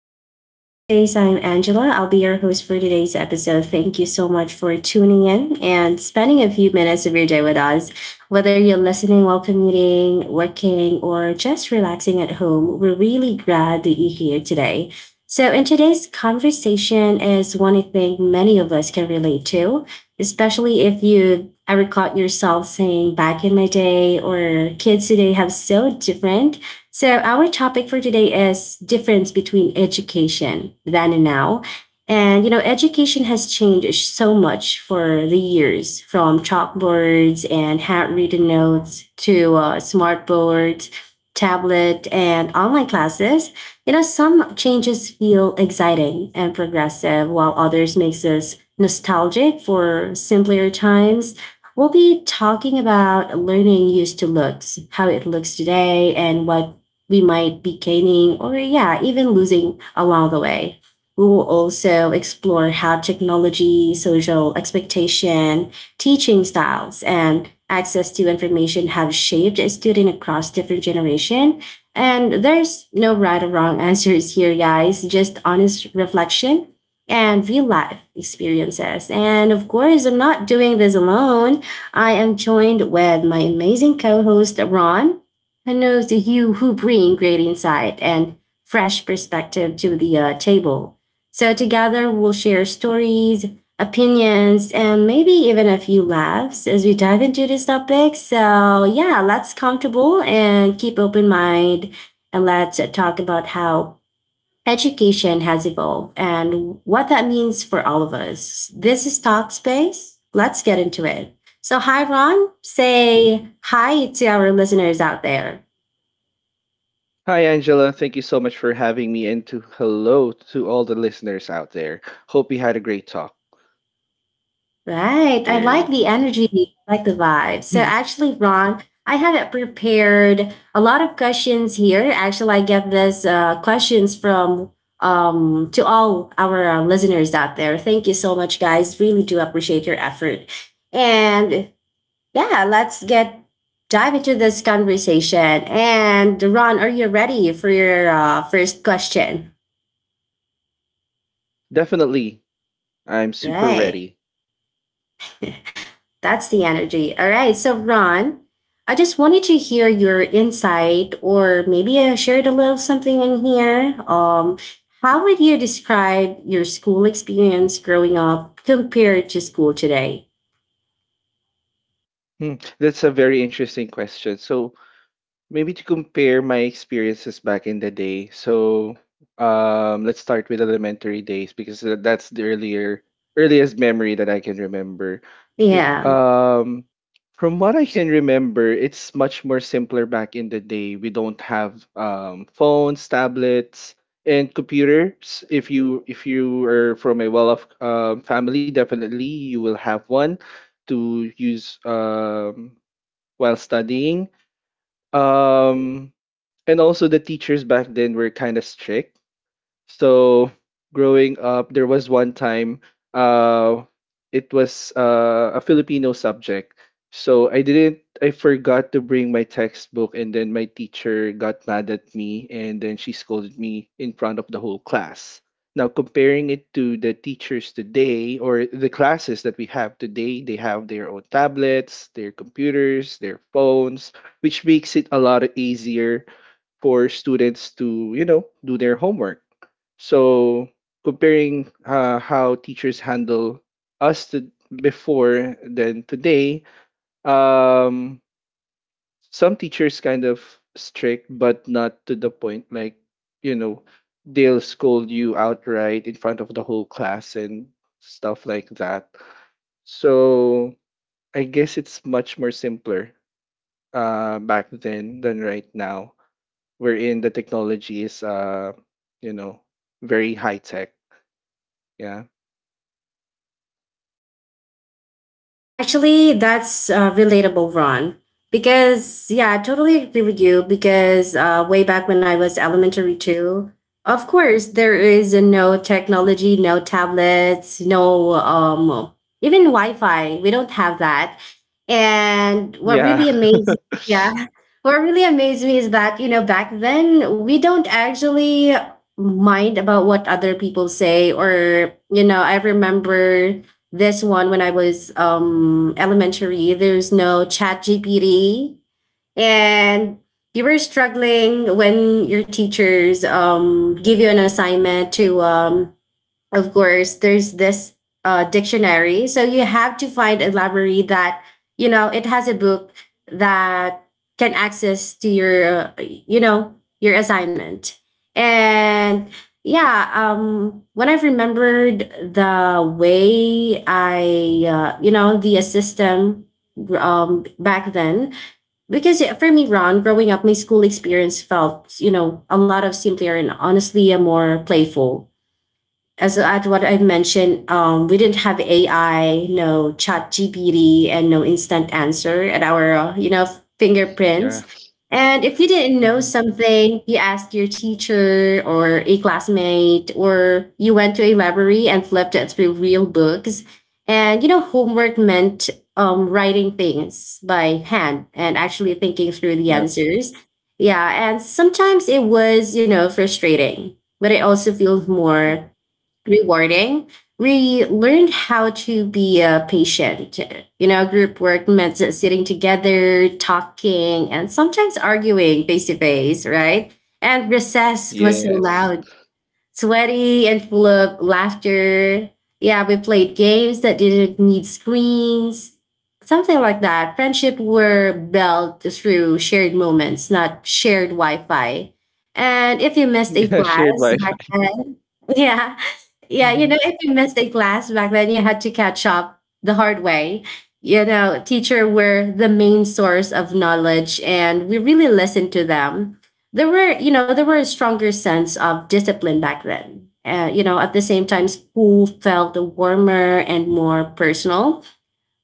to Talkspace. I'm Angela. I'll be your host for today's episode. Thank you so much for tuning in and spending a few minutes of your day with us. Whether you're listening while commuting, working, or just relaxing at home, we're really glad that you're here today. So, in today's conversation is one I think many of us can relate to, especially if you ever caught yourself saying, back in my day, or kids today have so different so our topic for today is difference between education then and now. And you know, education has changed so much for the years from chalkboards and handwritten notes to smart boards, tablet, and online classes. You know, some changes feel exciting and progressive, while others makes us nostalgic for simpler times. We'll be talking about learning used to looks, how it looks today, and what we might be gaining or, yeah, even losing along the way. We will also explore how technology, social expectation, teaching styles, and access to information have shaped a student across different generation. And there's no right or wrong answers here, guys, just honest reflection and real life experiences. And of course, I'm not doing this alone. I am joined with my amazing co-host Ron who knows the you who bring great insight and fresh perspective to the table. So together we'll share stories, opinions, and maybe even a few laughs as we dive into this topic. So yeah, let's comfortable and keep open mind and let's talk about how education has evolved and what that means for all of us. This is Talk Space. Let's get into it. So hi Ron, say hi to our listeners out there. Hi, Angela. Thank you so much for having me, and to hello to all the listeners out there. Hope you had a great talk. Right. I like Very the energy, I like the vibe. So actually, Ron, I haven't prepared a lot of questions here. Actually, I get these questions from to all our listeners out there. Thank you so much, guys. Really do appreciate your effort. And yeah, let's get dive into this conversation. And Ron, are you ready for your first question? definitely, I'm super Right. ready. That's the energy. All right. So, Ron, I just wanted to hear your insight, or maybe I shared a little something in here. How would you describe your school experience growing up compared to school today? Hmm, that's a very interesting question. So, maybe to compare my experiences back in the day. So, let's start with elementary days because that's the earlier earliest memory that I can remember. I- Yeah. Um, from what I can remember, it's much more simpler back in the day. We don't have phones, tablets, and computers. If you are from a well-off family, definitely you will have one to use while studying. Um, and also the teachers back then were kind of strict. So growing up, there was one time uh it was a Filipino subject. So I didn't I forgot to bring my textbook and then my teacher got mad at me and then she scolded me in front of the whole class. Now comparing it to the teachers today or the classes that we have today, they have their own tablets, their computers, their phones, which makes it a lot easier for students to, you know, do their homework. So comparing how teachers handle us to before than today, um, some teachers kind of strict, but not to the point like, you know, they'll scold you outright in front of the whole class and stuff like that. So I guess it's much more simpler back then than right now, wherein the technology is you know very high tech. Yeah. Actually, that's relatable, Ron. Because, yeah, I totally agree with you. Because way back when I was elementary too, of course, there is no technology, no tablets, no even Wi Fi. We don't have that. And what Yeah. really amazing, yeah what really amazed me is that you know back then we don't actually mind about what other people say or you know I remember this one when I was elementary there's no chat GPT and you were struggling when your teachers give you an assignment to of course, there's this dictionary. So you have to find a library that, you know, it has a book that can access to your, you know, your assignment. And yeah, when I remembered the way I, you know, the system back then, because for me, Ron, growing up, my school experience felt, you know, a lot of simpler and honestly a more playful as at what I mentioned, we didn't have AI, no chat GPT, and no instant answer at our, you know, Yeah. fingerprints. And if you didn't know Mhm. something, you asked your teacher or a classmate, or you went to a library and flipped it through real books. And, you know, homework meant writing things by hand and actually thinking through the Yep. answers. Yeah. And sometimes it was, you know, frustrating, but I also feel Mm-hmm. more rewarding. We learned how to be patient. You know, group work meant sitting together, talking, and sometimes arguing face to face, right? And recess was so Yes. loud, sweaty, and full of laughter. Yeah, we played games that didn't need screens, something like that. Friendship were built through shared moments, not shared Wi Fi. And if you missed a Yeah, shared class back Wi-Fi. then, yeah, yeah, you Mhm. know, if you missed a class back then, you had to catch up the hard way. You know, teacher were the main source of knowledge, and we really listened to them. There were, you know, there were a stronger sense of discipline back then. You know, at the same time, school felt warmer and more personal.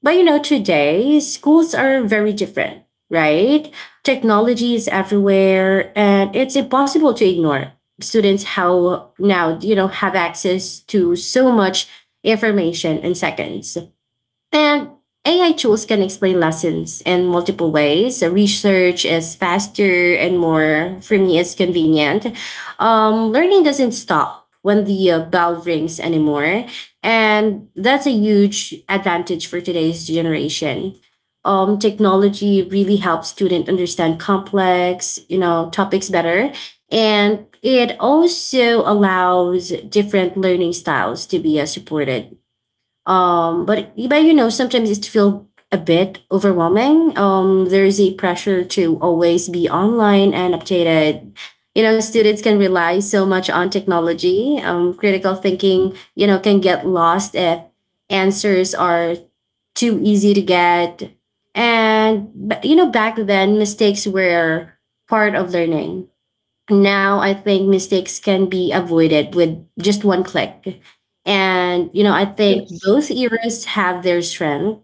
But you know, today schools are very different, right? Technology is everywhere and it's impossible to ignore students how now, you know, have access to so much information in seconds. And AI tools can explain lessons in multiple ways. The Research is faster and more, for me, it's convenient. Learning doesn't stop when the bell rings anymore. And that's a huge advantage for today's generation. Technology really helps students understand complex, you know, topics better. And it also allows different learning styles to be supported but you know, sometimes it feel a bit overwhelming. There is a pressure to always be online and updated. You know, students can rely so much on technology. Critical thinking, you know, can get lost if answers are too easy to get. And but, you know, back then mistakes were part of learning now I think mistakes can be avoided with just one click. And, you know, I think Yes. both eras have their strength.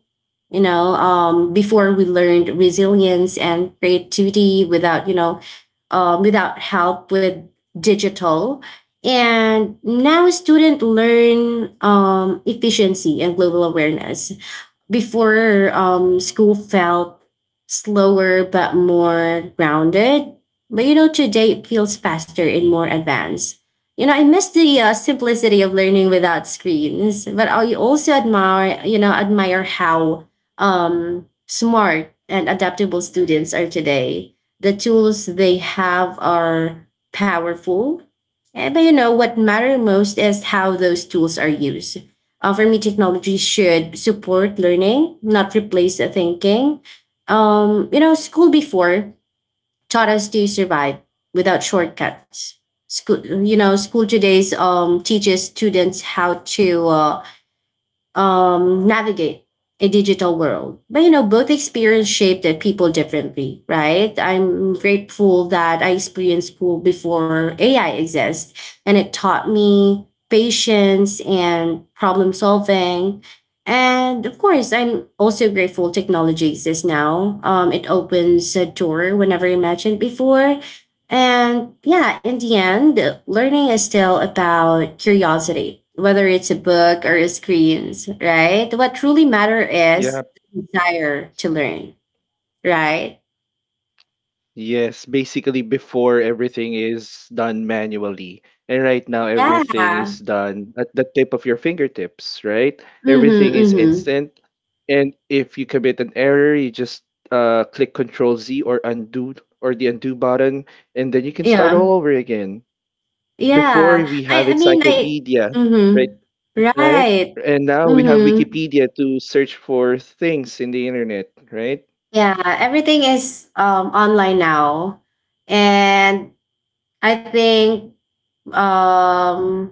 You know, before we learned resilience and creativity without, you know, without help with digital. And now students learn efficiency and global awareness. Before, school felt slower but more grounded. But you know, today it feels faster and more advanced. You know, I miss the simplicity of learning without screens, but I also admire, you know, admire how smart and adaptable students are today. The tools they have are powerful, Eh, but you know, what matter most is how those tools are used for me technology should support learning not replace the thinking you know school before taught us to survive without shortcuts school you know school today's teaches students how to navigate a digital world. But you know, both experience shaped the people differently, right? I'm grateful that I experienced school before AI exists, and it taught me patience and problem solving. And of course, I'm also grateful technology exists now. It opens a door whenever imagined before. And yeah, in the end, learning is still about curiosity, whether it's a book or a screens, right? What truly matter Yeah. is the desire to learn, right? Yes, basically before everything is done manually. And right now everything Yeah. is done at the tip of your fingertips, right? Mm-hmm. Everything is Mm-hmm. instant. And if you commit an error, you just click Control Z or undo or the undo button, and then you can start Yeah. all over again. Before Yeah. we I have I mean I encyclopedia, Mm-hmm. right? Right? Right. And now we have Mm-hmm. Wikipedia to search for things in the internet, right? Yeah. Everything is online now. And I think um,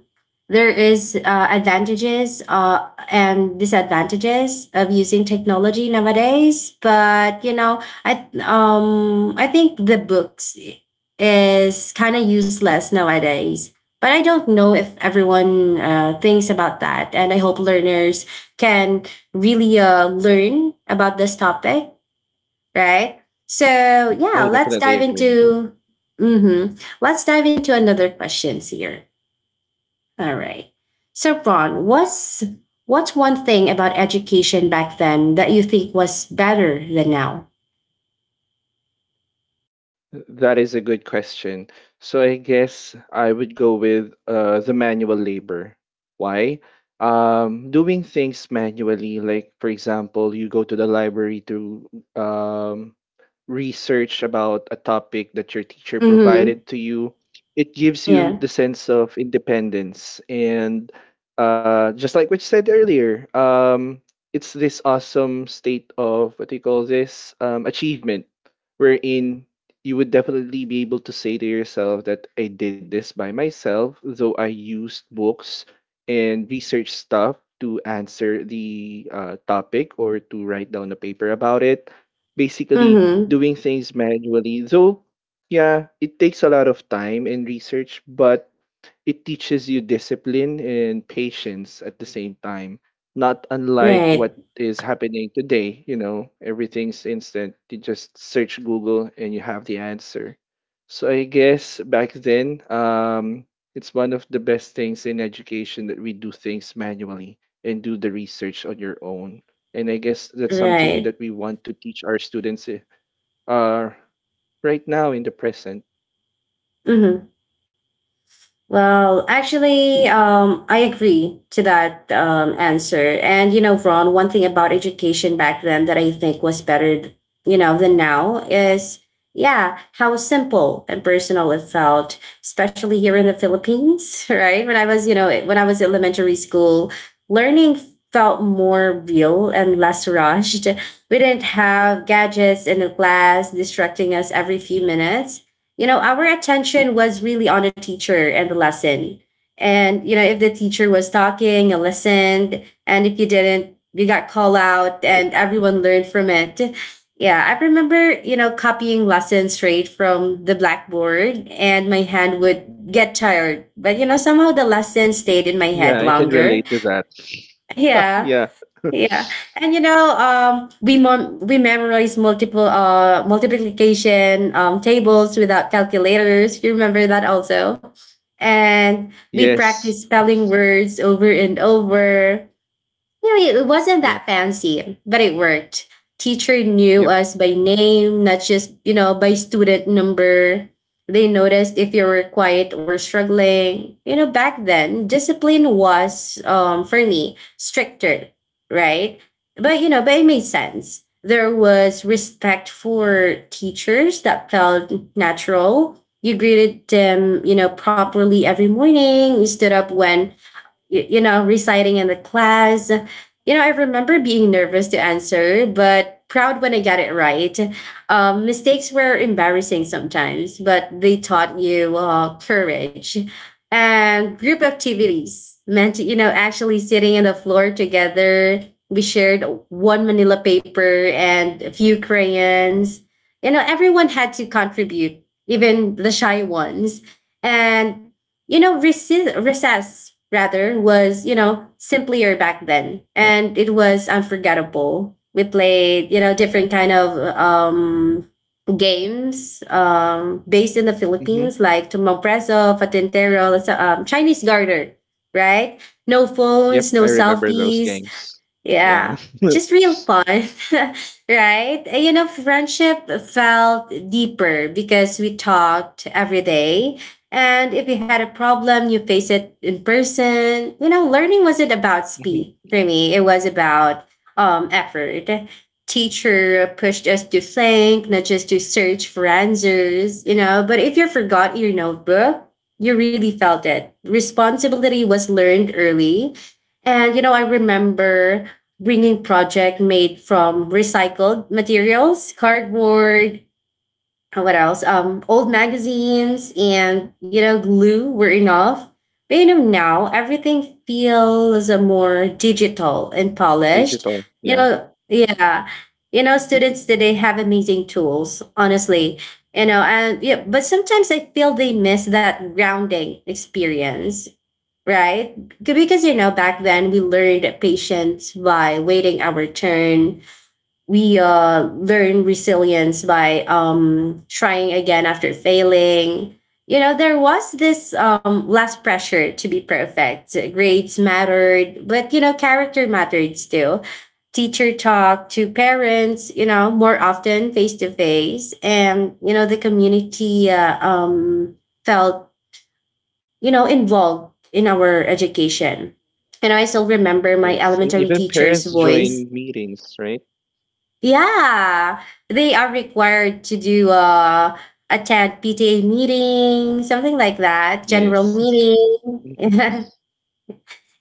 there is advantages and disadvantages of using technology nowadays but you know I I think the books is kind of useless nowadays but I don't know if everyone thinks about that and I hope learners can really learn about this topic right so yeah I let's definitely dive agree. into Mm-hmm. let's dive into another questions here all right. So Ron, what's one thing about education back then that you think was better than now? That is a good question. So I guess I would go with the manual labor. Why? Doing things manually, like for example, you go to the library to um, research about a topic that your teacher Mm-hmm. provided to you, it gives you Yeah. the sense of independence. And just like what you said earlier, it's this awesome state of what do you call this achievement, wherein you would definitely be able to say to yourself that I did this by myself, though I used books and research stuff to answer the topic or to write down a paper about it. Basically, Mm-hmm. doing things manually. Though, yeah, it takes a lot of time and research, but it teaches you discipline and patience at the same time. Not unlike Right. what is happening today, you know, everything's instant. You just search Google and you have the answer. So I guess back then, it's one of the best things in education that we do things manually and do the research on your own. And I guess that's something that Right. we want to teach our students are right now in the present. Mm-hmm. Well, actually, I agree to that answer. And, you know, Ron, one thing about education back then that I think was better, you know, than now is, yeah, how simple and personal it felt, especially here in the Philippines, right? When I was, you know, when I was elementary school, learning felt more real and less rushed. We didn't have gadgets in the class distracting us every few minutes you know, our attention was really on the teacher and the lesson. And, you know, if the teacher was talking, you listened. And if you didn't, you got called out and everyone learned from it. Yeah, I remember, you know, copying lessons straight from the blackboard and my hand would get tired. But, you know, somehow the lesson stayed in my head Yeah, I can longer. relate to that. Yeah. Yeah. Yeah, and you know, we memorize multiple multiplication tables without calculators. You remember that also, and we practice Yes. spelling words over and over. You know, it wasn't that Yep. fancy, but it worked. Teacher knew Yep. us by name, not just, you know, by student number. They noticed if you were quiet or struggling. You know, back then, discipline was, for me, stricter, right? But, you know, but it made sense. There was respect for teachers that felt natural. You greeted them, you know, properly every morning. You stood up when you know, reciting in the class. You know, I remember being nervous to answer, but proud when I got it right. Mistakes were embarrassing sometimes, but they taught you courage. And group activities meant, actually sitting on the floor together. We shared one manila paper and a few crayons. Everyone had to contribute, even the shy ones. And recess rather was, simpler back then, and it was unforgettable. We played, different kind of games based in the Hmm. Philippines like tumbang preso, patintero, Chinese garter, right? No phones, Yep, no I remember those selfies, games. Yeah. yeah, Hmm. just real fun, right? And, friendship felt deeper because we talked every day. And if you had a problem, you face it in person. Learning wasn't about speed for me, it was about effort. Teacher pushed us to think, not just to search for answers. But if you forgot your notebook, you really felt it. Responsibility was learned early. And I remember bringing project made from recycled materials, cardboard, what else? Old magazines, and glue were enough. But now everything feels more digital and polished. Digital. You Yeah. know, yeah, students today have amazing tools. Honestly, and yeah, but sometimes I feel they miss that grounding experience, right? Because back then we learned patience by waiting our turn. We learned resilience by trying again after failing. There was this less pressure to be perfect. Grades mattered, but character mattered still. Teacher talk to parents, more often face to face, and the community felt involved in our education. And I still remember my Yes, and elementary even teacher's parents join voice. meetings, right? Yeah, they are required to do attend PTA meeting, something like that, general Yes. meeting. Mhm.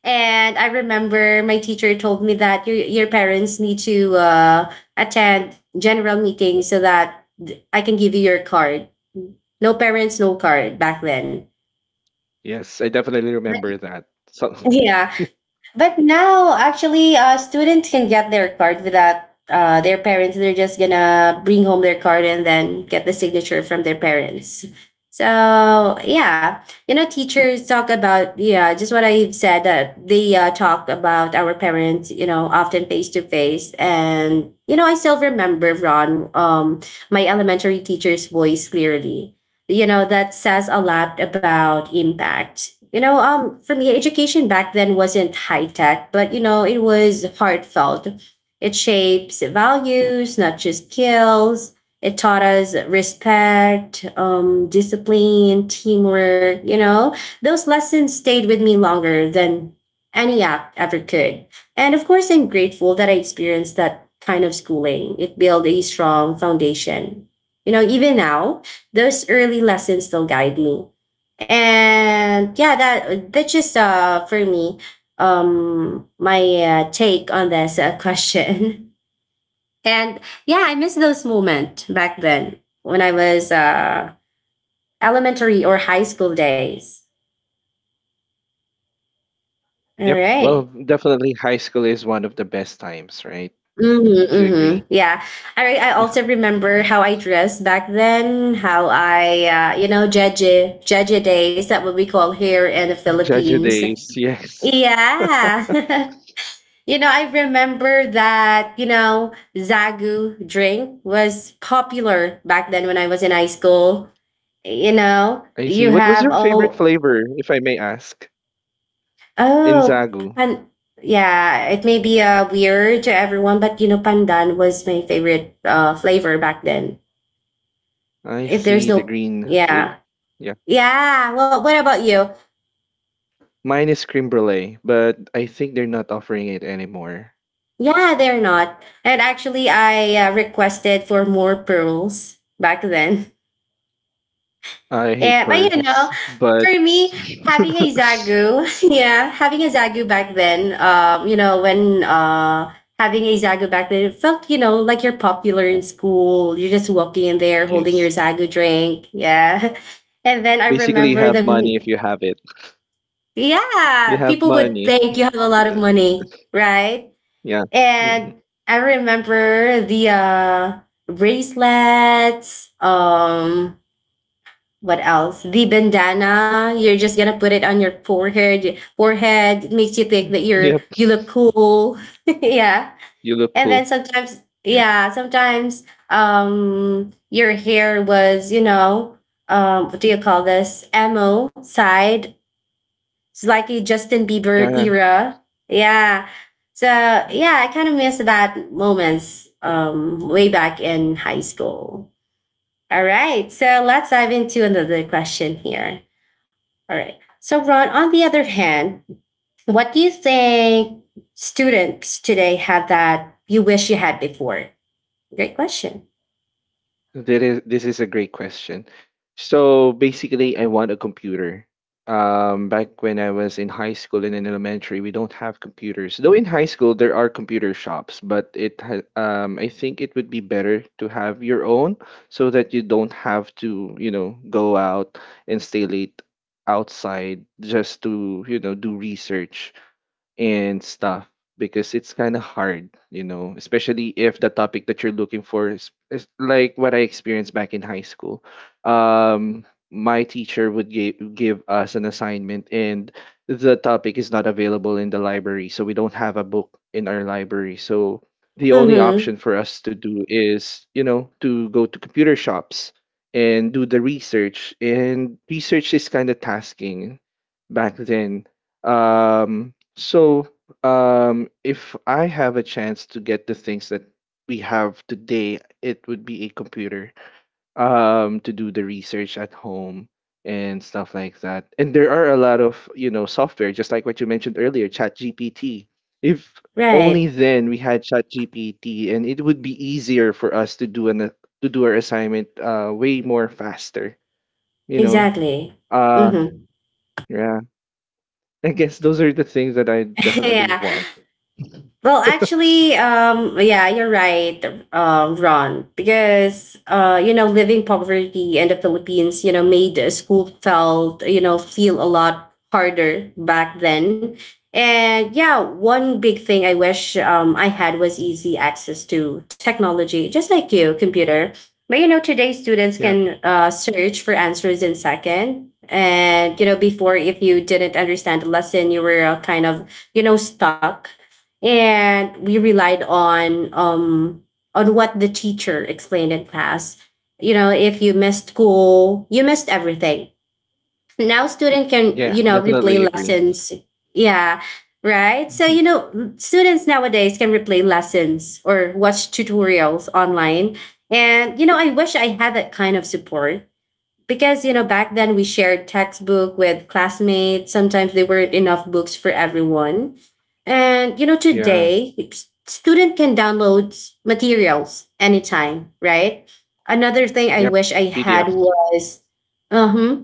And I remember my teacher told me that your parents need to attend general meeting so that I can give you your card. No parents, no card back then. Yes, I definitely But remember that. So, yeah, but now, actually, students can get their card without their parents. They're just gonna bring home their card and then get the signature from their parents. So yeah, teachers talk about, yeah, just what I've said that they talk about our parents. Often face to face, and I still remember Ron, my elementary teacher's voice clearly. That says a lot about impact. For me, education back then wasn't high tech, but it was heartfelt. It shapes values, not just skills. It taught us respect, discipline, teamwork. Those lessons stayed with me longer than any app ever could. And of course, I'm grateful that I experienced that kind of schooling. It built a strong foundation. Even now, those early lessons still guide me. And yeah, that's just for me, my take on this question. And yeah, I miss those moments back then when I was elementary or high school days. All yep. Well, right. definitely high school is one of the best times, right? Would Mm-hmm, you mm-hmm. agree? Yeah. All right, I also remember how I dressed back then, how I jeje jeje days, that what we call here in the Judge Philippines. days. Yes. Yeah. You know, I remember that, Zagu drink was popular back then when I was in high school. You know, I you see. What was have your favorite oh. flavor, if I may ask? In Oh. Zagu. pan Yeah, it may be weird to everyone, but pandan was my favorite flavor back then. I If there's see, the no, green flavor. yeah. Yeah. Yeah. Well, what about you? Mine is cream brulee, but I think they're not offering it anymore. Yeah, they're not. And actually I requested for more pearls back then. I hate Yeah, but pearls, but for me, having a Zagu, yeah, having a Zagu back then, when having a Zagu back then, it felt, like you're popular in school. You're just walking in there holding your yes. Zagu drink. Yeah. And then I Basically, you remember have money them. if you have it. You Yeah, have people would money. think you have a lot of money, right? Yeah. Hmm. And I remember the bracelets, what else? The bandana. You're just gonna put it on your forehead. It makes you think that you're Yep. you look cool. Yeah. You look And cool. then sometimes, Yeah. yeah, sometimes your hair was, what do you call this? Emo side. It's like a Justin Bieber Yeah. era. Yeah. So yeah, I kind of miss that moments way back in high school. All right, so let's dive into another question here. All right. So, Ron, on the other hand, what do you think students today have that you wish you had before? Great question. This is a great question. So basically, I want a computer. Back when I was in high school and in elementary, we don't have computers. Though in high school there are computer shops, but I think it would be better to have your own so that you don't have to, you know, go out and stay late outside just to, you know, do research and stuff because it's kind of hard, you know, especially if the topic that you're looking for is like what I experienced back in high school. Um, my teacher would give us an assignment, and the topic is not available in the library, so we don't have a book in our library. So the only Mm-hmm. option for us to do is, you know, to go to computer shops and do the research. And research is kind of tasking back then, so, if I have a chance to get the things that we have today, it would be a computer, to do the research at home and stuff like that. And there are a lot of, you know, software, just like what you mentioned earlier, ChatGPT. If only Right. then we had ChatGPT, and it would be easier for us to do an to do our assignment way more faster, you know. Exactly. Uh, Mm-hmm. yeah. I guess those are the things that I definitely Yeah. want. Well, actually, yeah, you're right, Ron, because living poverty in the Philippines, made school felt, feel a lot harder back then. And yeah, one big thing I wish I had was easy access to technology, just like you, computer. But today students Yeah. can search for answers in second. And before, if you didn't understand the lesson, you were kind of, stuck, and we relied on what the teacher explained in class. You know, if you missed school, you missed everything. Now student can, Yeah, replay definitely agree. lessons. Yeah, right. So Mhm. Students nowadays can replay lessons or watch tutorials online. And I wish I had that kind of support, because back then we shared textbook with classmates. Sometimes there weren't enough books for everyone. And Yeah. today student can download materials anytime, right? Another thing I wish Yep. I had PDF. was, uh-huh,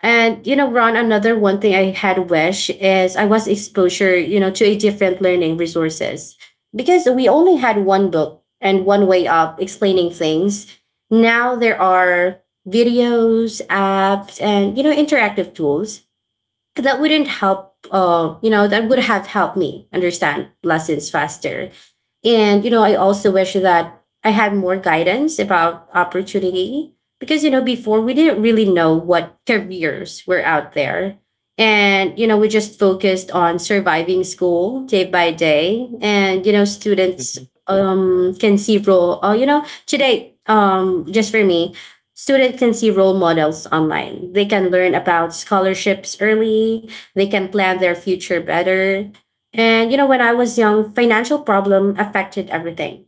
and Ron, another one thing I had wish is I was exposure, to a different learning resources. Because we only had one book and one way of explaining things. Now there are videos, apps, and interactive tools that wouldn't help you know, that would have helped me understand lessons faster. And, I also wish that I had more guidance about opportunity, because, before we didn't really know what careers were out there. And, we just focused on surviving school day by day. And, students Mhm. Can see role, you know, today, students can see role models online. They can learn about scholarships early, they can plan their future better. And when I was young, financial problem affected everything.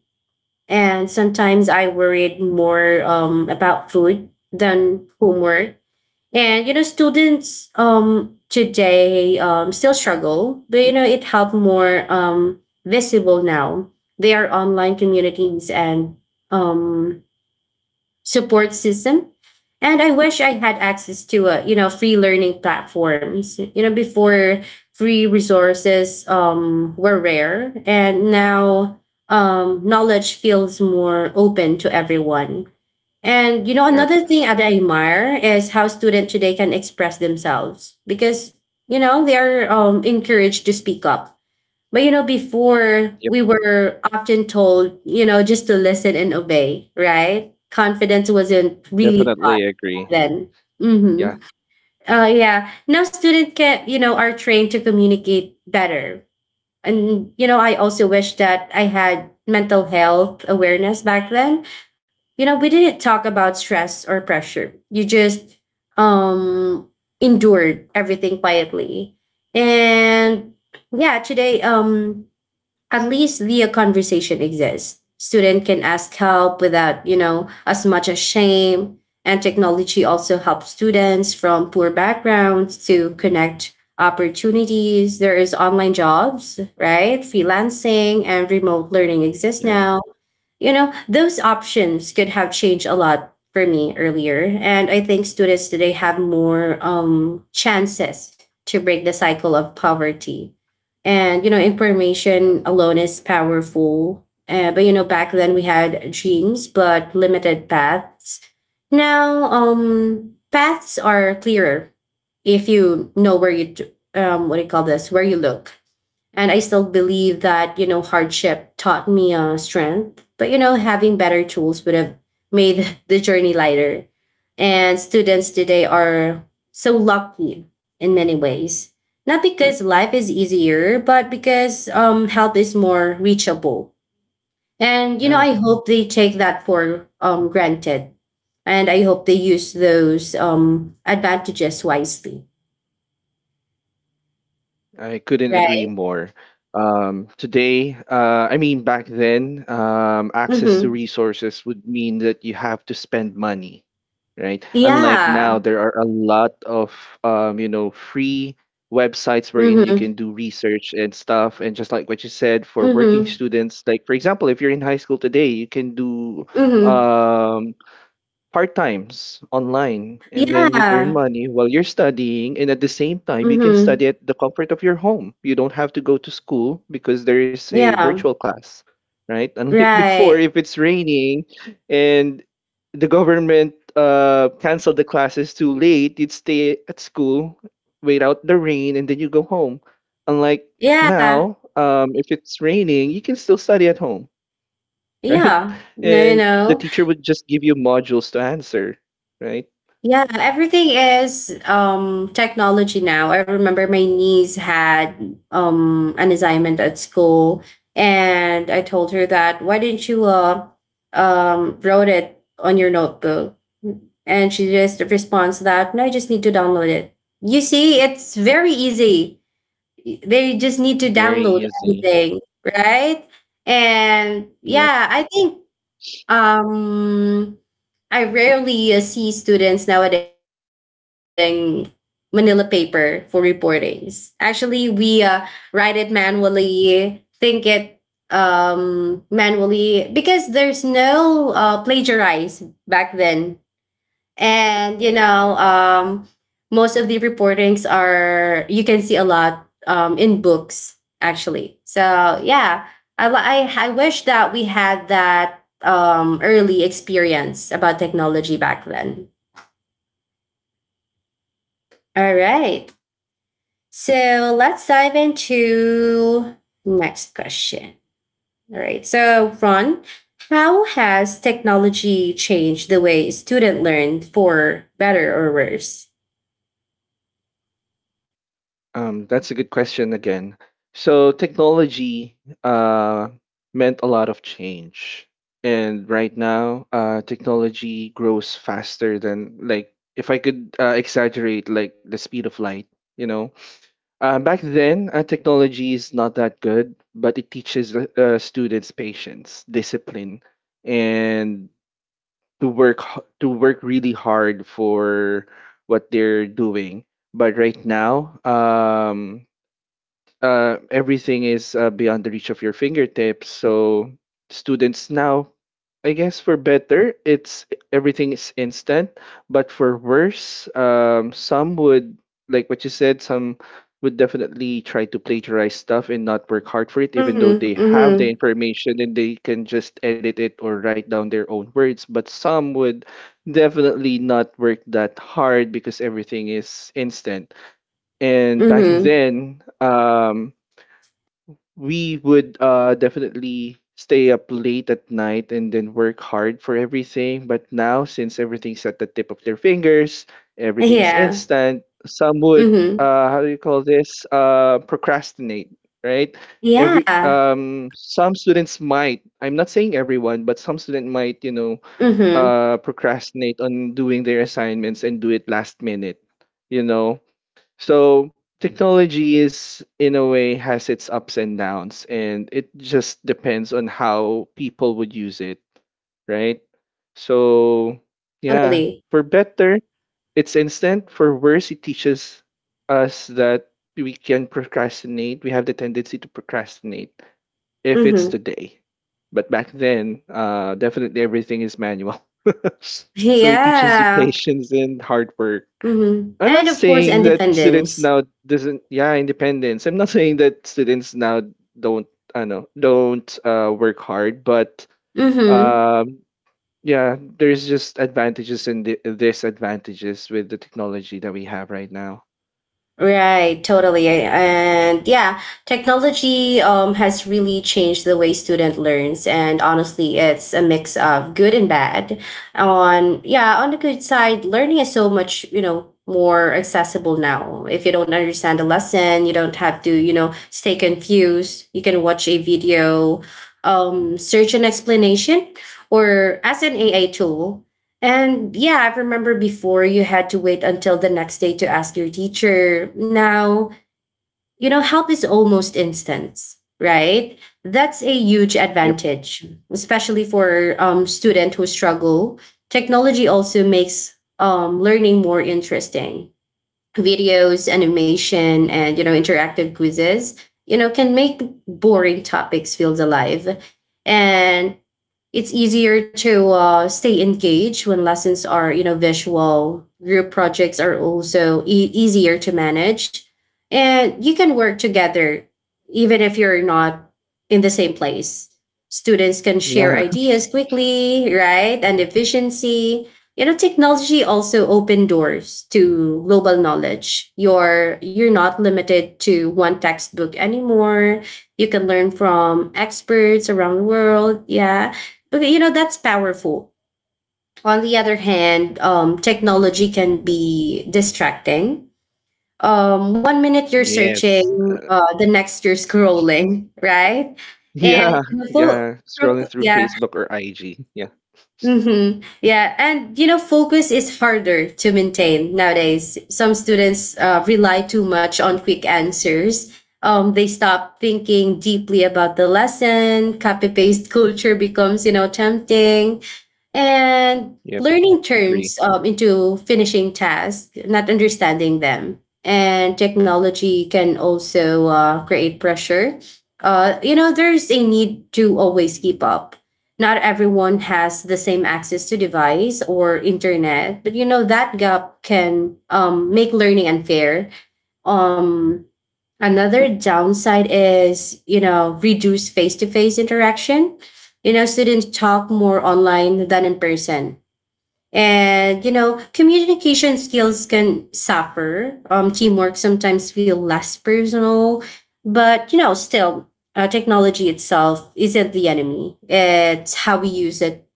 And sometimes I worried more about food than homework. And students today still struggle, but it helped more visible now. They are online communities and um, support system. And I wish I had access to free learning platforms before. Free resources were rare, and now, knowledge feels more open to everyone. And Yep. another thing that I admire is how students today can express themselves, because they are encouraged to speak up. But before Yep, we were often told, just to listen and obey, right? Confidence wasn't really definitely taught agree. then. Yeah. Mm-hmm. Yeah. Now students can, are trained to communicate better. And, I also wish that I had mental health awareness back then. You know, we didn't talk about stress or pressure. You just um endured everything quietly. And yeah, today, at least the conversation exists. Student can ask help without, as much as shame. And technology also helps students from poor backgrounds to connect opportunities. There is online jobs, right? Freelancing and remote learning exist Yeah. now. You know, those options could have changed a lot for me earlier. And I think students today have more chances to break the cycle of poverty. And, information alone is powerful. But, back then we had dreams, but limited paths. Now, paths are clearer if you know where you, what do you call this, where you look. And I still believe that, hardship taught me strength. But, having better tools would have made the journey lighter. And students today are so lucky in many ways. Not because life is easier, but because help is more reachable. And, Yeah, I hope they take that for granted. And I hope they use those advantages wisely. I couldn't agree Right. more. Today, I mean, back then, access to Mm-hmm. resources would mean that you have to spend money, right? Unlike now, Yeah. there are a lot of, you know, free websites wherein you Mm-hmm. can do research and stuff. And just like what you said, for working Mm-hmm. students, like for example, if you're in high school today, you can do Mhm. um, part times online and then you'd earn Yeah. money while you're studying and at the same time you can Mhm. study at the comfort of your home. You don't have to go to school because there is a Yeah. virtual class, right? Unlike before, Right. if it's raining and the government canceled the classes too late, you'd stay at school, wait out the rain and then you go home. Unlike Yeah. now, um, if it's raining you can still study at home. Right? Yeah. No, no, And the no. teacher would just give you modules to answer, right? Yeah, everything is technology now. I remember my niece had an assignment at school, and I told her that, why didn't you wrote it on your notebook? And she just responds that, no, I just need to download it. You see, it's very easy. They just need to Very download easy. everything, right? And Yep. yeah, I think um I rarely see students nowadays holding manila paper for reportings. Actually, we write it manually, think it manually because there's no plagiarize back then, and most of the reportings are you can see a lot in books actually, so yeah. I li- i, I wish that we had that early experience about technology back then. All right, so let's dive into next question. All right, so Ron, how has technology changed the way student learned, for better or worse? That's a good question again. So technology uh, meant a lot of change. And right now, technology grows faster than, like, if I could exaggerate, like, the speed of light, you know? Back then, technology is not that good, but it teaches students patience, discipline, and to work really hard for what they're doing. But right now, everything is beyond the reach of your fingertips. So students now, I guess for better, it's everything is instant, but for worse, some would, like what you said. Some would definitely try to plagiarize stuff and not work hard for it, even though Mm-hmm, they have mm-hmm. the information and they can just edit it or write down their own words. But some would definitely not work that hard because everything is instant. And back Mhm. then, we would definitely stay up late at night and then work hard for everything. But now, since everything's at the tip of their fingers, everything's Yeah. instant, some would Mhm. How do you call this? Uh, procrastinate, right? Every Yeah. Some students might, I'm not saying everyone, but some student might, you know, Mhm. Procrastinate on doing their assignments and do it last minute, you know. So technology is in a way has its ups and downs and it just depends on how people would use it, right? So yeah, Totally. for better, it's instant. For worse, it teaches us that we can procrastinate. We have the tendency to procrastinate if it's Mhm. today. But back then, definitely everything is manual. So it teaches you Yeah. patience and hard work. Mhm. I'm not And of course saying that students independence. now doesn't Yeah, independence. I'm not saying that students now don't I know don't work hard, but Mhm. um, yeah, there's just advantages and disadvantages with the technology that we have right now. Right, totally. And yeah, technology has really changed the way student learns. And honestly, it's a mix of good and bad. On yeah, on the good side, learning is so much, you know, more accessible now. If you don't understand a lesson, you don't have to, you know, stay confused. You can watch a video, search an explanation, or as an AI tool. And yeah, I remember before you had to wait until the next day to ask your teacher. Now, you know, help is almost instant, right? That's a huge Yep. advantage, especially for students who struggle. Technology also makes learning more interesting. Videos, animation, and you know, interactive quizzes, you know, can make boring topics feel alive. And it's easier to stay engaged when lessons are, you know, visual. Group projects are also easier to manage, and you can work together even if you're not in the same place. Students can share Yeah. ideas quickly, right, and efficiency. You know, technology also open doors to global knowledge. You're not limited to one textbook anymore. You can learn from experts around the world, yeah. Okay, you know, that's powerful. On the other hand, technology can be distracting. One minute you're Yes. searching, the next you're scrolling, right? And Yeah. you know, Yeah, scrolling through yeah, Facebook or IG. Yeah. Yeah, and you know, focus is harder to maintain nowadays. Some students rely too much on quick answers. They stop thinking deeply about the lesson. Copy paste culture becomes, you know, tempting. And Yep, learning agree. turns into finishing tasks, not understanding them. And technology can also create pressure. You know, there's a need to always keep up. Not everyone has the same access to device or internet, but you know that gap can make learning unfair. Um, Another downside is, you know, reduced face to face interaction. You know, students talk more online than in person. And, you know, communication skills can suffer. Teamwork sometimes feel less personal. But, you know, still, technology itself isn't the enemy. It's how we use it,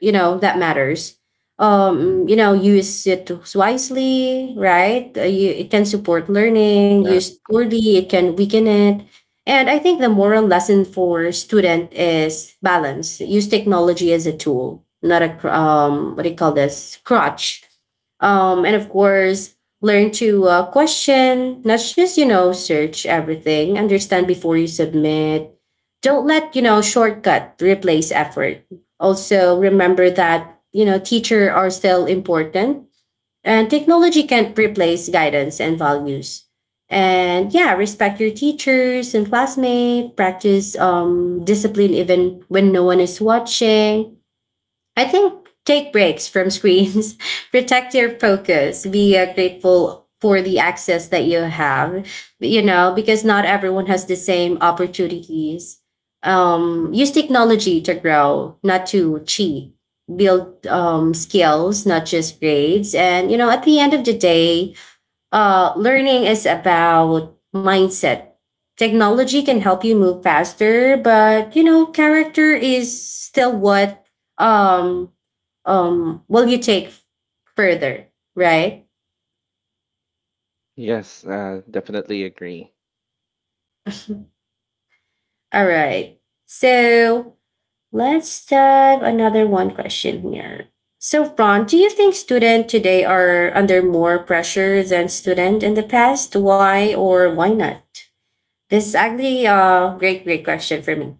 you know, that matters. You know, use it wisely, right? You, it can support learning. Yeah. Used poorly, it can weaken it. And I think the moral lesson for student is balance. Use technology as a tool, not a cr- what do you call this crutch. And of course, learn to question, not just, you know, search everything. Understand before you submit. Don't let, you know, shortcut replace effort. Also, remember that, you know, teachers are still important, and technology can't replace guidance and values. And yeah, respect your teachers and classmates, practice discipline even when no one is watching. I think take breaks from screens, protect your focus, be grateful for the access that you have, you know, because not everyone has the same opportunities. Use technology to grow, not to cheat. Build skills, not just grades. And, you know, at the end of the day, learning is about mindset. Technology can help you move faster, but, you know, character is still what um will you take further, right? Yes, uh, definitely agree. All right. So let's dive another one question here. So, Ron, do you think students today are under more pressure than students in the past? Why or why not? This is actually a great, great question for me.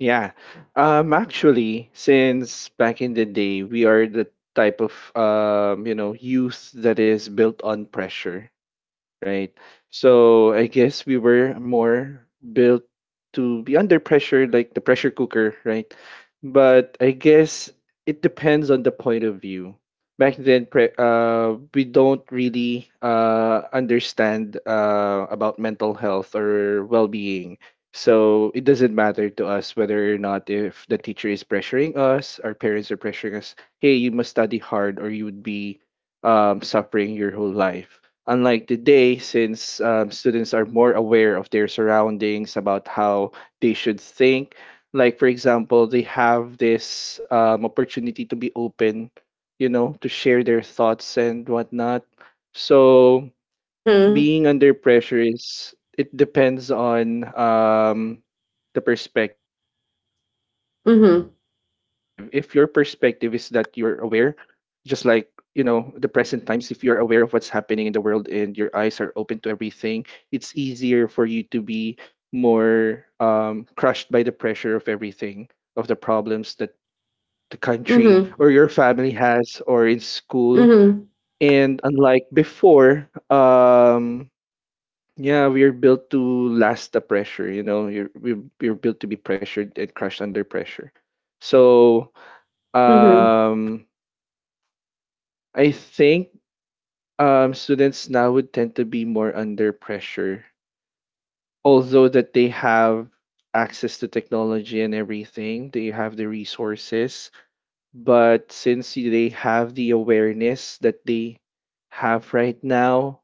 Yeah. Um, actually, since back in the day, we are the type of you know, youth that is built on pressure, right? So I guess we were more built to be under pressure, like the pressure cooker, right? But I guess it depends on the point of view. Back then, we don't really understand about mental health or well-being. So it doesn't matter to us whether or not if the teacher is pressuring us, our parents are pressuring us, hey, you must study hard or you would be suffering your whole life. Unlike today, since students are more aware of their surroundings, about how they should think, like for example, they have this opportunity to be open, to share their thoughts and whatnot. So Mm-hmm. being under pressure is it depends on the perspective. If your perspective is that Mm-hmm. you're aware, just like you know the present times, if you're aware of what's happening in the world and your eyes are open to everything, it's easier for you to be more crushed by the pressure of everything, of the problems that the country Mm-hmm. or your family has or in school. Mm-hmm. And unlike before, yeah, we're built to last the pressure, you know, we're built to be pressured and crushed under pressure. So Mm-hmm. um I think students now would tend to be more under pressure, although that they have access to technology and everything, they have the resources. But since they have the awareness that they have right now,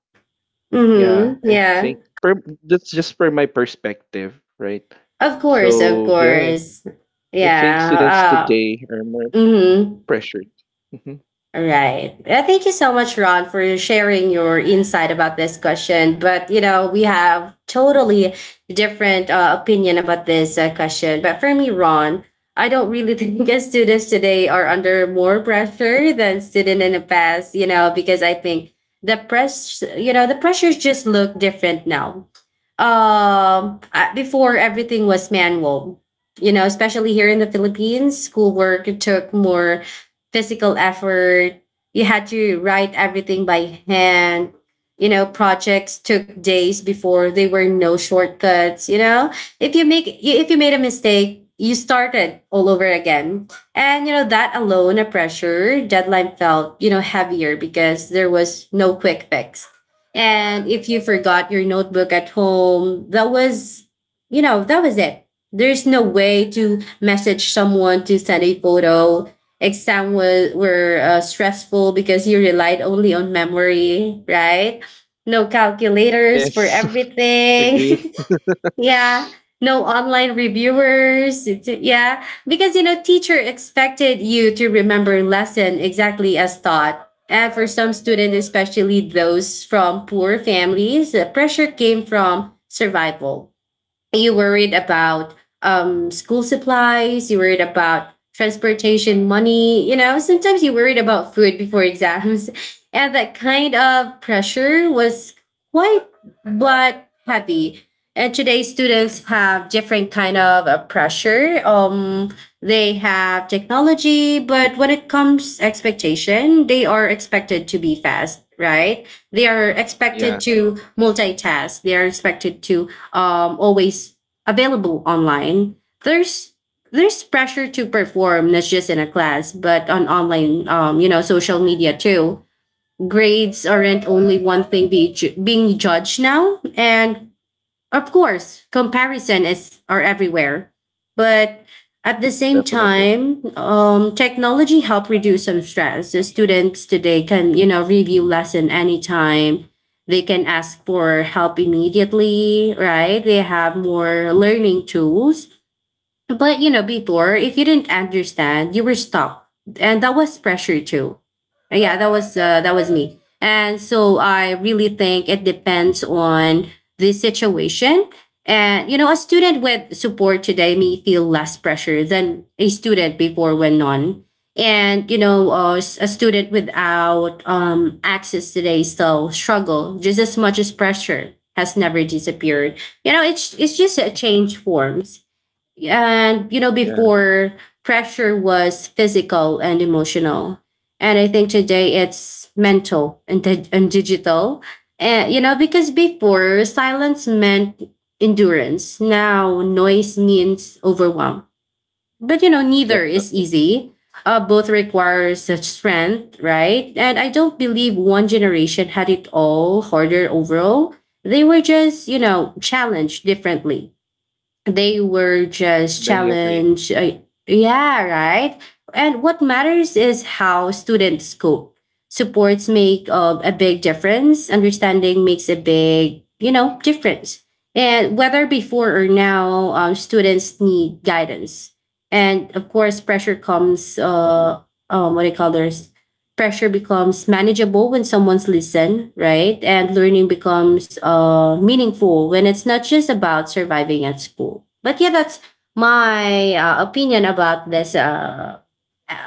yeah, Mm-hmm. I Yeah. think that's just per my perspective, right? Of course, of So yeah, course. I think students Yeah. today are more Mm-hmm. pressured. Mhm. All right. Thank you so much, Ron, for sharing your insight about this question. But, you know, we have totally different opinion about this question. But for me, Ron, I don't really think that students today are under more pressure than students in the past, you know, because I think you know, the pressures just look different now. Before everything was manual, you know, especially here in the Philippines, schoolwork took more physical effort. You had to write everything by hand. You know, projects took days before. There were no shortcuts, you know? If you made a mistake, you started all over again. And you know, that alone, a pressure deadline felt, you know, heavier because there was no quick fix. And if you forgot your notebook at home, that was, you know, that was it. There's no way to message someone to send a photo. Exam was were stressful because you relied only on memory, right? No calculators for Yes, everything. agree. Yeah. No online reviewers. It's- Yeah. Because, you know, teacher expected you to remember lesson exactly as taught. And for some students, especially those from poor families, the pressure came from survival. You worried about school supplies, you worried about transportation money, you know, sometimes you worried about food before exams. And that kind of pressure was quite but heavy. And today students have different kind of pressure. They have technology, but when it comes expectation, they are expected to be fast, right? They are expected Yeah, to multitask. They are expected to always available online. There's there's pressure to perform, not just in a class, but on online, you know, social media too. Grades aren't only one thing being judged now, and of course, comparison is are everywhere, but at the same definitely. time, technology help reduce some stress. The students today can, you know, review lesson anytime. They can ask for help immediately, right? They have more learning tools. But you know, before, if you didn't understand, you were stopped, and that was pressure too. Yeah, that was me, and so I really think it depends on the situation. And you know, a student with support today may feel less pressure than a student before when none. And you know, a student without access today still struggle just as much. As pressure has never disappeared, you know, it's just a change forms. And you know, Yeah. before, pressure was physical and emotional, and I think today it's mental and, and digital. And you know, because before silence meant endurance, now noise means overwhelm, but you know, neither is Definitely. easy. Both requires such strength, right? And I don't believe one generation had it all harder overall. They were just, you know, challenged differently. They were just They agree. challenged. Uh, yeah, right. And what matters is how students cope. Supports make a big difference. Understanding makes a big, you know, difference. And whether before or now, students need guidance. And of course, pressure comes. What do you call this? Pressure becomes manageable when someone's listened, right? And learning Yep. becomes meaningful when it's not just about surviving at school. But yeah, that's my opinion about this uh,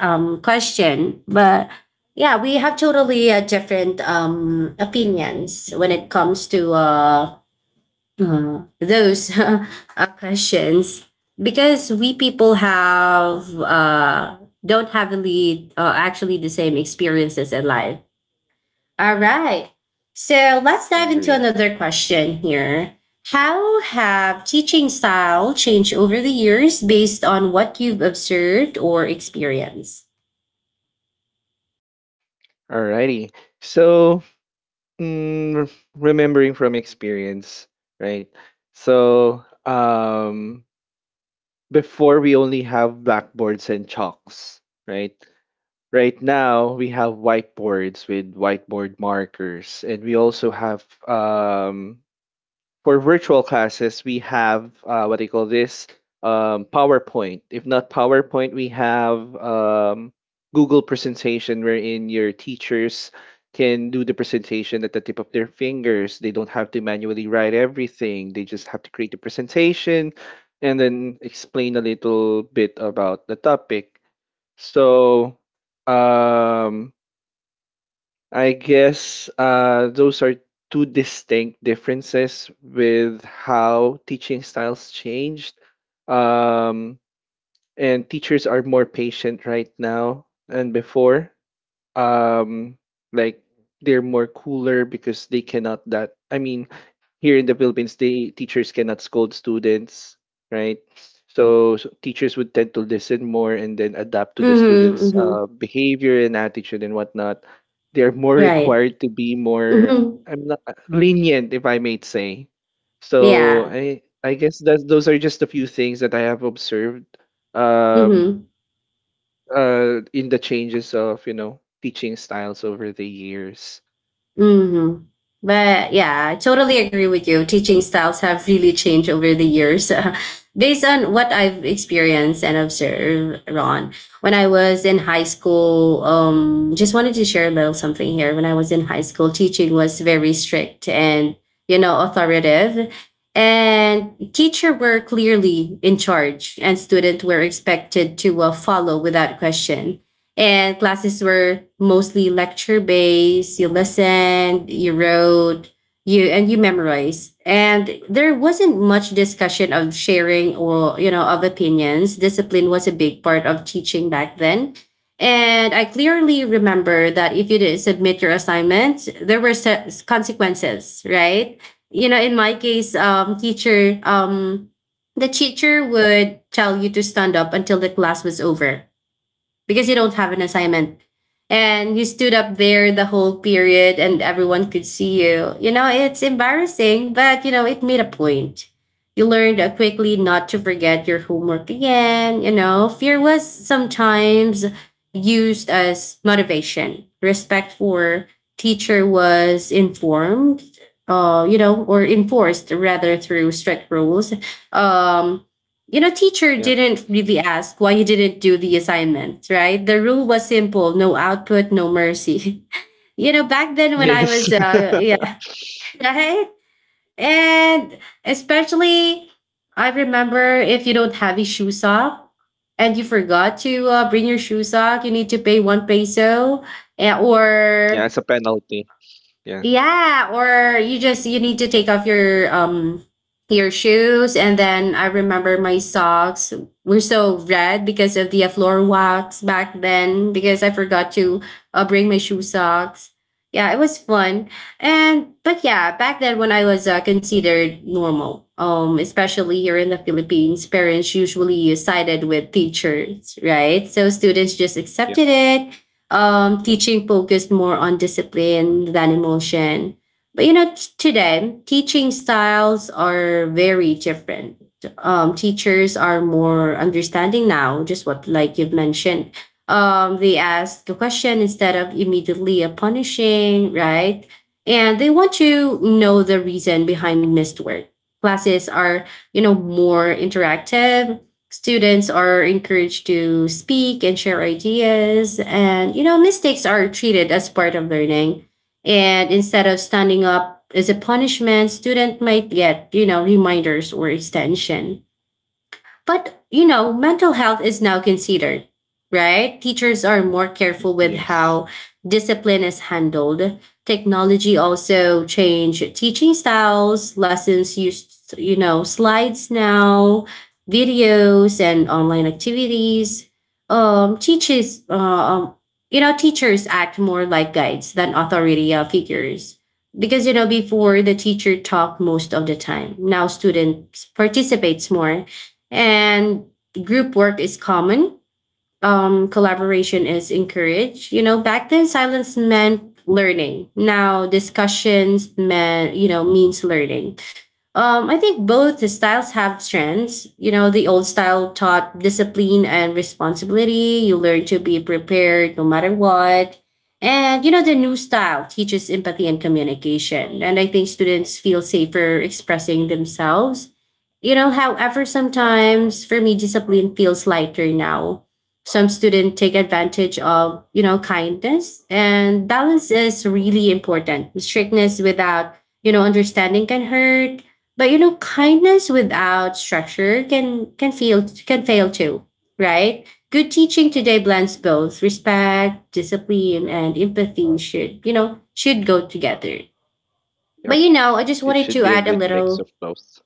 um, question. But yeah, we have totally different opinions when it comes to those are questions, because we people have don't have really actually the same experiences in life. All right, so let's dive into Agree. another question here. How have teaching style changed over the years based on what you've observed or experienced? Alrighty. So, remembering from experience, right? So, before we only have blackboards and chalks, right? Right now we have whiteboards with whiteboard markers, and we also have for virtual classes, we have what do call this? PowerPoint. If not PowerPoint, we have Google presentation wherein your teachers can do the presentation at the tip of their fingers. They don't have to manually write everything. They just have to create the presentation and then explain a little bit about the topic. So um, I guess those are two distinct differences with how teaching styles changed. Um, and teachers are more patient right now than before. Um, like they're more cooler because they cannot that. I mean, here in the Philippines, the teachers cannot scold students, right? So teachers would tend to listen more and then adapt to the Mm-hmm, students' mm-hmm. behavior and attitude and whatnot. They're more Right. required to be more, Mm-hmm. I'm not lenient, if I may say. So Yeah. I guess that those are just a few things that I have observed um Mm-hmm. In the changes of, you know, teaching styles over the years. Hmm. But yeah, I totally agree with you. Teaching styles have really changed over the years. Based on what I've experienced and observed, Ron, when I was in high school, just wanted to share a little something here. When I was in high school, teaching was very strict and, you know, authoritative. And teacher were clearly in charge, and students were expected to follow without question, and classes were mostly lecture based. You listened, you wrote, you and you memorized. And there wasn't much discussion of sharing or, you know, of opinions. Discipline was a big part of teaching back then. And I clearly remember that if you didn't submit your assignment, there were consequences, right? You know, in my case, the teacher would tell you to stand up until the class was over because you don't have an assignment. And you stood up there the whole period, and everyone could see you. You know, it's embarrassing, but you know, it made a point. You learned quickly not to forget your homework again. You know, fear was sometimes used as motivation. Respect for teacher was informed, or enforced rather through strict rules. Um, teacher Yeah. didn't really ask why you didn't do the assignment, right? The rule was simple: no output, no mercy. Back then when I Yes. was, yeah, right, and especially I remember if you don't have a shoe sock and you forgot to bring your shoe sock, you need to pay 1 peso, yeah, or it's a penalty. Yeah. yeah, or you need to take off your shoes. And then I remember my socks were so red because of the floor wax back then because I forgot to bring my shoe socks. Yeah, it was fun. And but yeah, back then when I was considered normal, especially here in the Philippines, parents usually sided with teachers, right? So students just Yeah. accepted it. Teaching focused more on discipline than emotion. But today, teaching styles are very different. Teachers are more understanding now, just what, like you've mentioned. They ask a question instead of immediately a punishing, right? And they want to know the reason behind missed work. Classes are more interactive. Students are encouraged to speak and share ideas, and mistakes are treated as part of learning. And instead of standing up as a punishment, student might get reminders or extension, but, mental health is now considered, right? Teachers are more careful with Yes. how discipline is handled. Technology also changed teaching styles. Lessons use, slides now, videos, and online activities. Um, teaches, uh, um, Teachers act more like guides than authority figures, because before the teacher talked most of the time. Now students participates more, and group work is common. Collaboration is encouraged. Back then silence meant learning. Now discussions meant you know means learning. I think both styles have strengths. The old style taught discipline and responsibility. You learn to be prepared no matter what. And, the new style teaches empathy and communication. And I think students feel safer expressing themselves. However, sometimes for me, discipline feels lighter now. Some students take advantage of, kindness, and balance is really important. Strictness without understanding can hurt. But kindness without structure can fail too, right? Good teaching today blends both respect, discipline, and empathy should, should go together. But Yep. I just It wanted should to be a add a good mix little. of both.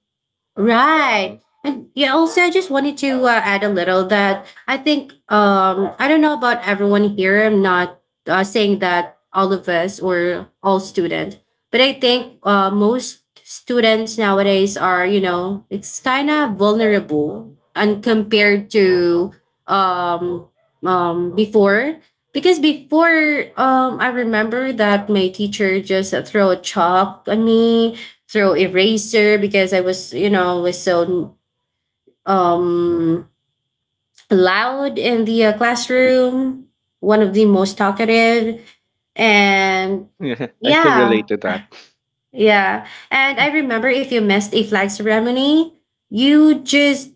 Right. Hmm. And yeah, also I just wanted to add a little that I think I don't know about everyone here. I'm not saying that all of us or all students, but I think most students nowadays are it's kind of vulnerable, and compared to um before, because before I remember that my teacher just throw a chalk at me, throw eraser because I was, was so um loud in the classroom, one of the most talkative, and Yeah, I can yeah, relate to that. yeah. And I remember if you missed a flag ceremony, you just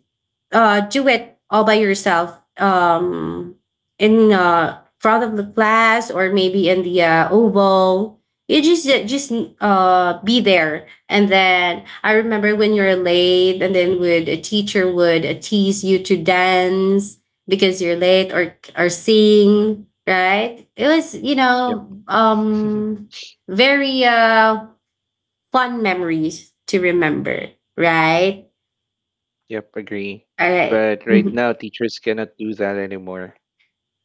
do it all by yourself, in front of the class, or maybe in the oval. You just be there. And then I remember when you're late, and then would a teacher would tease you to dance because you're late, or sing, right? It was Yep. Very fun memories to remember, right? Yep, agree. All right. But right now, teachers cannot do that anymore.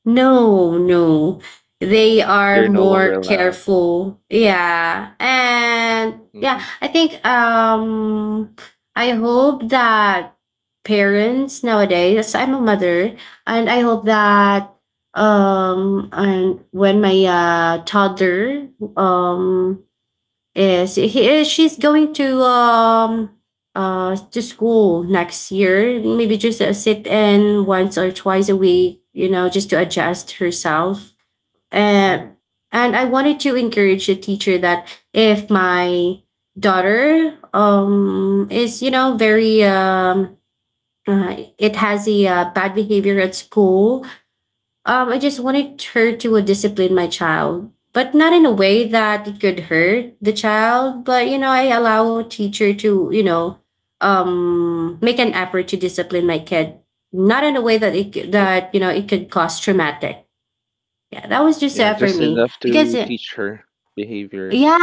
No, no. They are They're no longer more allowed. careful. Yeah. And yeah, Hmm. I think I hope that parents nowadays, as I'm a mother, and I hope that and when my toddler um yes, she's going to school next year. Maybe just sit in once or twice a week, you know, just to adjust herself. Hmm. And and I wanted to encourage the teacher that if my daughter is very it has a bad behavior at school. I just wanted her to would discipline my child, but not in a way that it could hurt the child. But you know, I allow a teacher to make an effort to discipline my kid, not in a way that it c- Yep. that you know it could cause traumatic. Yeah, that was just Yeah, for just me, enough because to teach her behaviors,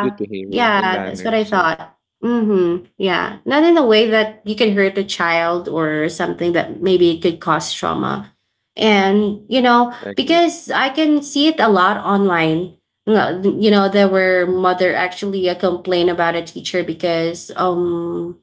good behavior and Yeah, that's what I manners. Yeah, thought. Mm-hmm. Yeah. Not in a way that you can hurt a child or something that maybe it could cause trauma. And, you know, I agree. because I can see it a lot online. No. You know, there were mother actually a complaint about a teacher because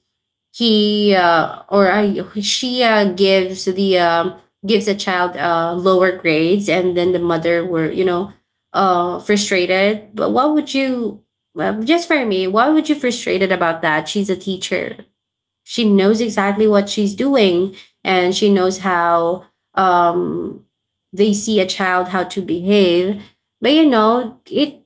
she gives the child lower grades, and then the mother were frustrated. But what would you, well, just for me? Why would you frustrated about that? She's a teacher. She knows exactly what she's doing, and she knows how um, they see a child how to behave. But you know, it,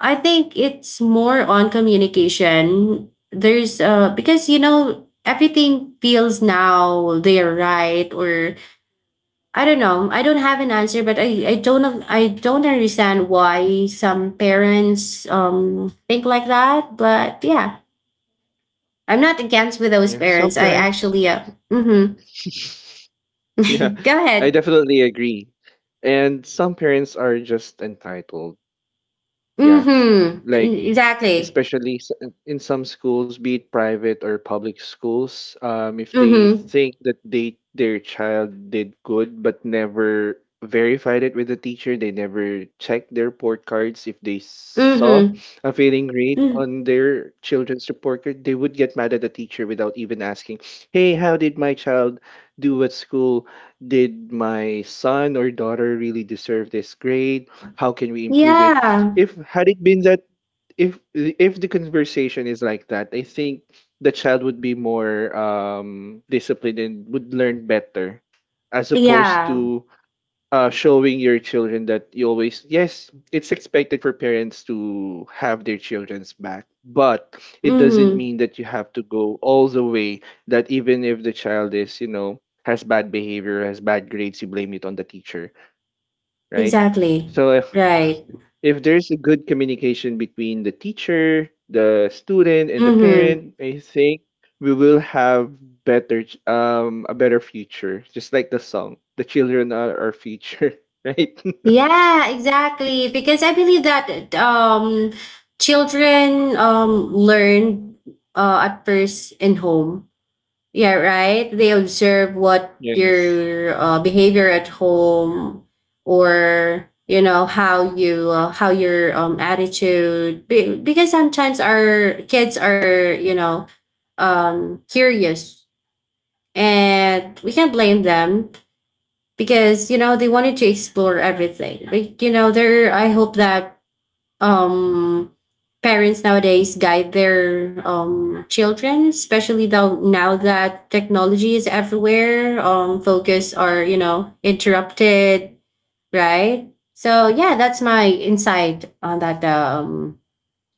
I think it's more on communication. There's because everything feels now they're right. Or I don't know. I don't have an answer, but I don't understand why some parents think like that. But yeah, I'm not against with those Yeah, some parents. I parents. actually mm-hmm. Yeah, Go I ahead. definitely agree. And some parents are just entitled. Yeah, Mm-hmm. like E- Exactly. especially in some schools, be it private or public schools, if they Mm-hmm. think that they their child did good but never verified it with the teacher, they never checked their report cards. If they saw Mm-hmm. a failing grade Mm. on their children's report card, they would get mad at the teacher without even asking, "Hey, how did my child do at school? Did my son or daughter really deserve this grade? How can we improve it?" Yeah. If had it been that if the conversation is like that, I think the child would be more disciplined and would learn better as opposed Yeah. to showing your children that you always yes, it's expected for parents to have their children's back, but it doesn't Mm-hmm. mean that you have to go all the way, that even if the child is, you know, has bad behavior, has bad grades, you blame it on the teacher, right? Exactly. So Right. if there's a good communication between the teacher, the student, and the Mm-hmm. parent, I think we will have a better future. Just like the song, the children are our future, right? Yeah, exactly. Because I believe that children learn at first in home. Yeah, right. They observe what Yes. your behavior at home, or you know how you how your attitude. Because sometimes our kids are curious, and we can not blame them because they wanted to explore everything, like you know there. I hope that um parents nowadays guide their children, especially though now that technology is everywhere. Focus are interrupted, right? So yeah, that's my insight on that, um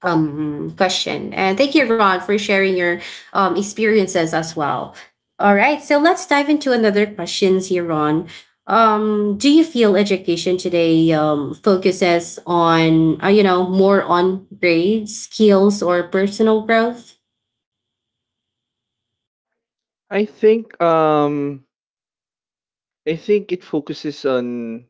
um, question. And thank you, Ron, for sharing your experiences as well. All right, so let's dive into another questions here, Ron. Do you feel education today focuses on, more on grades, skills, or personal growth? I think um I think it focuses on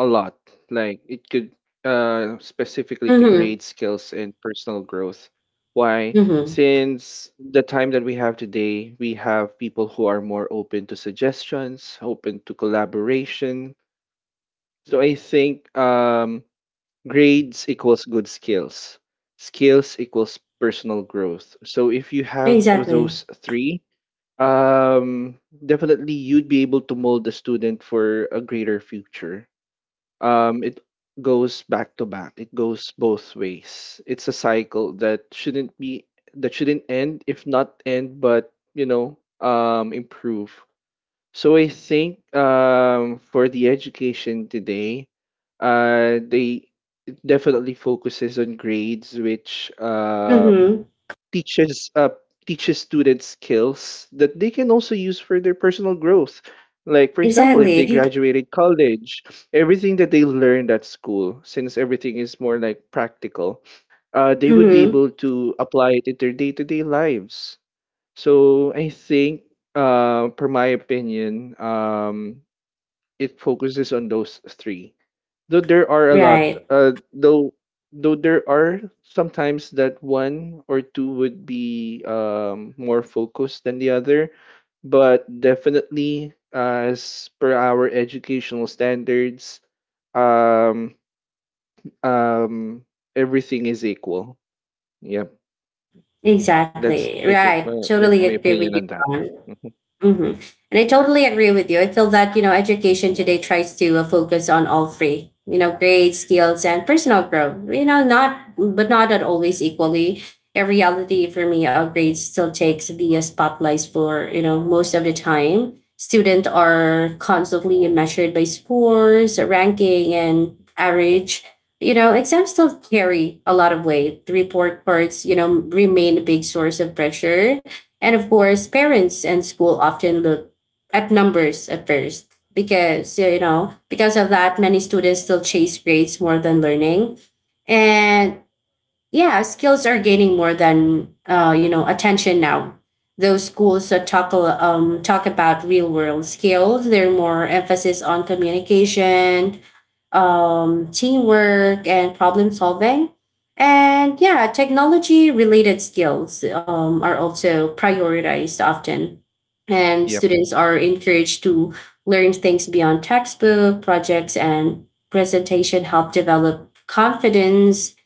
a lot. Like it could specifically to Mm-hmm. grade skills and personal growth. Why? Mm-hmm. Since the time that we have today, we have people who are more open to suggestions, open to collaboration. So I think grades equals good skills. Skills equals personal growth. So if you have Exactly. those three, um definitely you'd be able to mold the student for a greater future. It goes both ways. It's a cycle that shouldn't be that shouldn't end, if not end, but you know, improve. So I think, for the education today, they it definitely focuses on grades, which Mm-hmm. teaches students skills that they can also use for their personal growth. Like for example, if they Exactly. graduated college, everything that they learned at school, since everything is more like practical, they would be Mm-hmm. able to apply it in their day to day lives. So I think, per my opinion, it focuses on those three. Though there are a lot, Right. Though there are sometimes that one or two would be more focused than the other, but definitely as per our educational standards, um, um, everything is equal. Yep. That's, Exactly. I think, Right. Totally my agree with opinion you, on that. Ron. Mhm. Mm-hmm. And I totally agree with you. I feel that, education today tries to focus on all three, you know, grades, skills, and personal growth, you know, not, but not at always equally. In reality, for me, our grades still takes the spotlights for, most of the time. Students are constantly measured by scores, ranking, and average. Exams still carry a lot of weight. The report cards, remain a big source of pressure, and of course, parents and school often look at numbers at first because, because of that, many students still chase grades more than learning. And yeah, skills are gaining more than attention now. Those schools that talk talk about real world skills. They're more emphasis on communication, teamwork, and problem solving. And yeah, technology related skills are also prioritized often, and Yep. students are encouraged to learn things beyond textbook. Projects and presentation help develop confidence.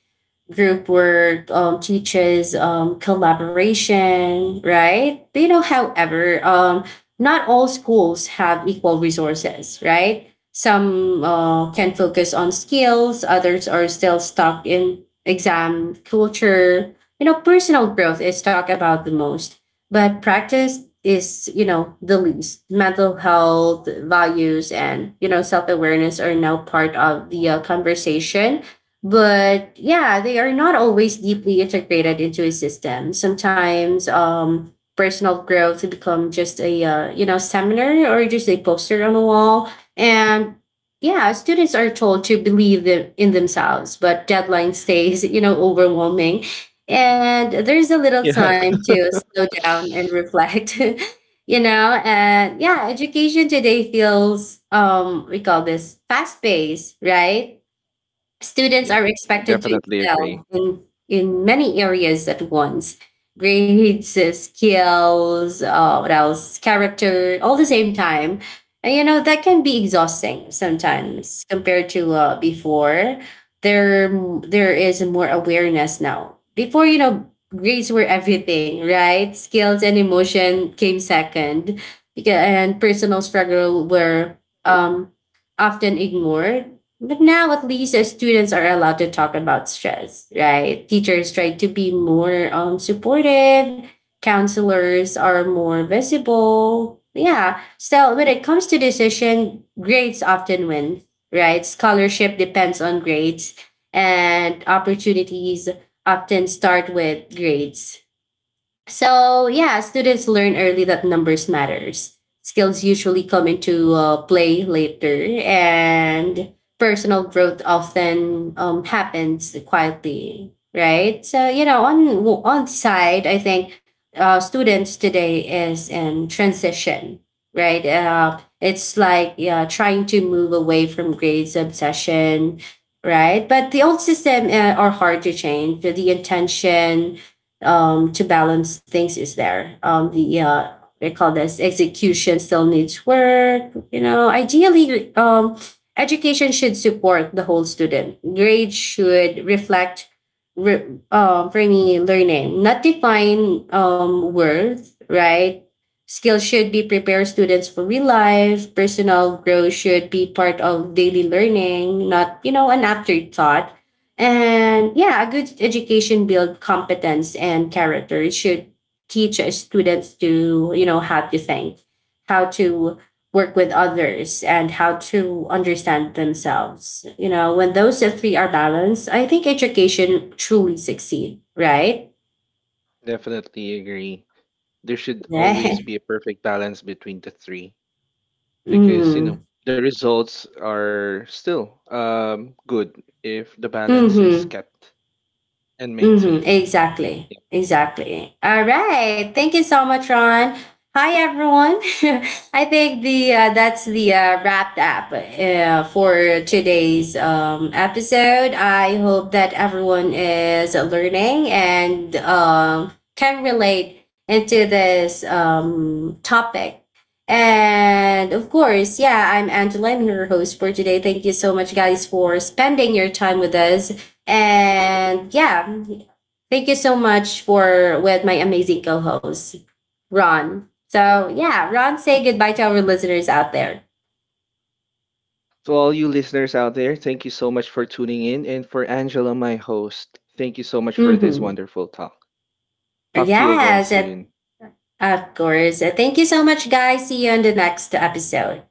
Group work teaches collaboration, right? Not all schools have equal resources, right? Some can focus on skills, others are still stuck in exam culture. Personal growth is talked about the most, but practice is, the least. Mental health, values, and, self awareness are now part of the conversation, but yeah, they are not always deeply integrated into a system. Sometimes personal growth to become just a, seminar, or just a poster on the wall. And yeah, students are told to believe them in themselves, but deadline stays overwhelming, and there's a little Yeah. time to slow down and reflect. And yeah, education today feels we call this fast paced, right? Students Yep. are I expected to definitely agree. excel in many areas at once. Grades, skills, what else? Character, all the same time. And, that can be exhausting sometimes compared to before. There, there is more awareness now. Before, grades were everything, right? Skills and emotion came second, because and personal struggle were um often ignored. But now at least students are allowed to talk about stress, right? Teachers try to be more supportive, counselors are more visible. Yeah. Still, when it comes to decision, grades often win, right? Scholarship depends on grades, and opportunities often start with grades. So yeah, students learn early that numbers matters. Skills usually come into play later, and personal growth often happens quietly, right? So you know, on side, I think students today is in transition, right? It's like yeah, trying to move away from grades obsession, right? But the old system are hard to change. The intention to balance things is there. They call this execution still needs work. Education should support the whole student. Grades should reflect re- bringing learning, not define worth, right? Skills should be prepare students for real life. Personal growth should be part of daily learning, not, an afterthought. And yeah, a good education build competence and character. It should teach students to, how to think, how to work with others, and how to understand themselves. When those three are balanced, I think education truly succeed, right? Definitely agree. There should Right. always be a perfect balance between the three, because you Mm. know the results are still good if the balance is Mm-hmm. kept and Mm-hmm, maintained. exactly. Yeah. Exactly. All right. Thank you so much, Ron. Hi, everyone. I think the that's the wrapped up for today's episode. I hope that everyone is learning and can relate into this topic. And of course, yeah, I'm Angela. I'm your host for today. Thank you so much, guys, for spending your time with us. And yeah, thank you so much for with my amazing co-host, Ron. So yeah, Ron, say goodbye to our listeners out there. To all you listeners out there, thank you so much for tuning in, and for Angela, my host, thank you so much for this Mm-hmm. wonderful talk. Talk to you again Yes, it, soon. of course. Thank you so much, guys. See you in the next episode.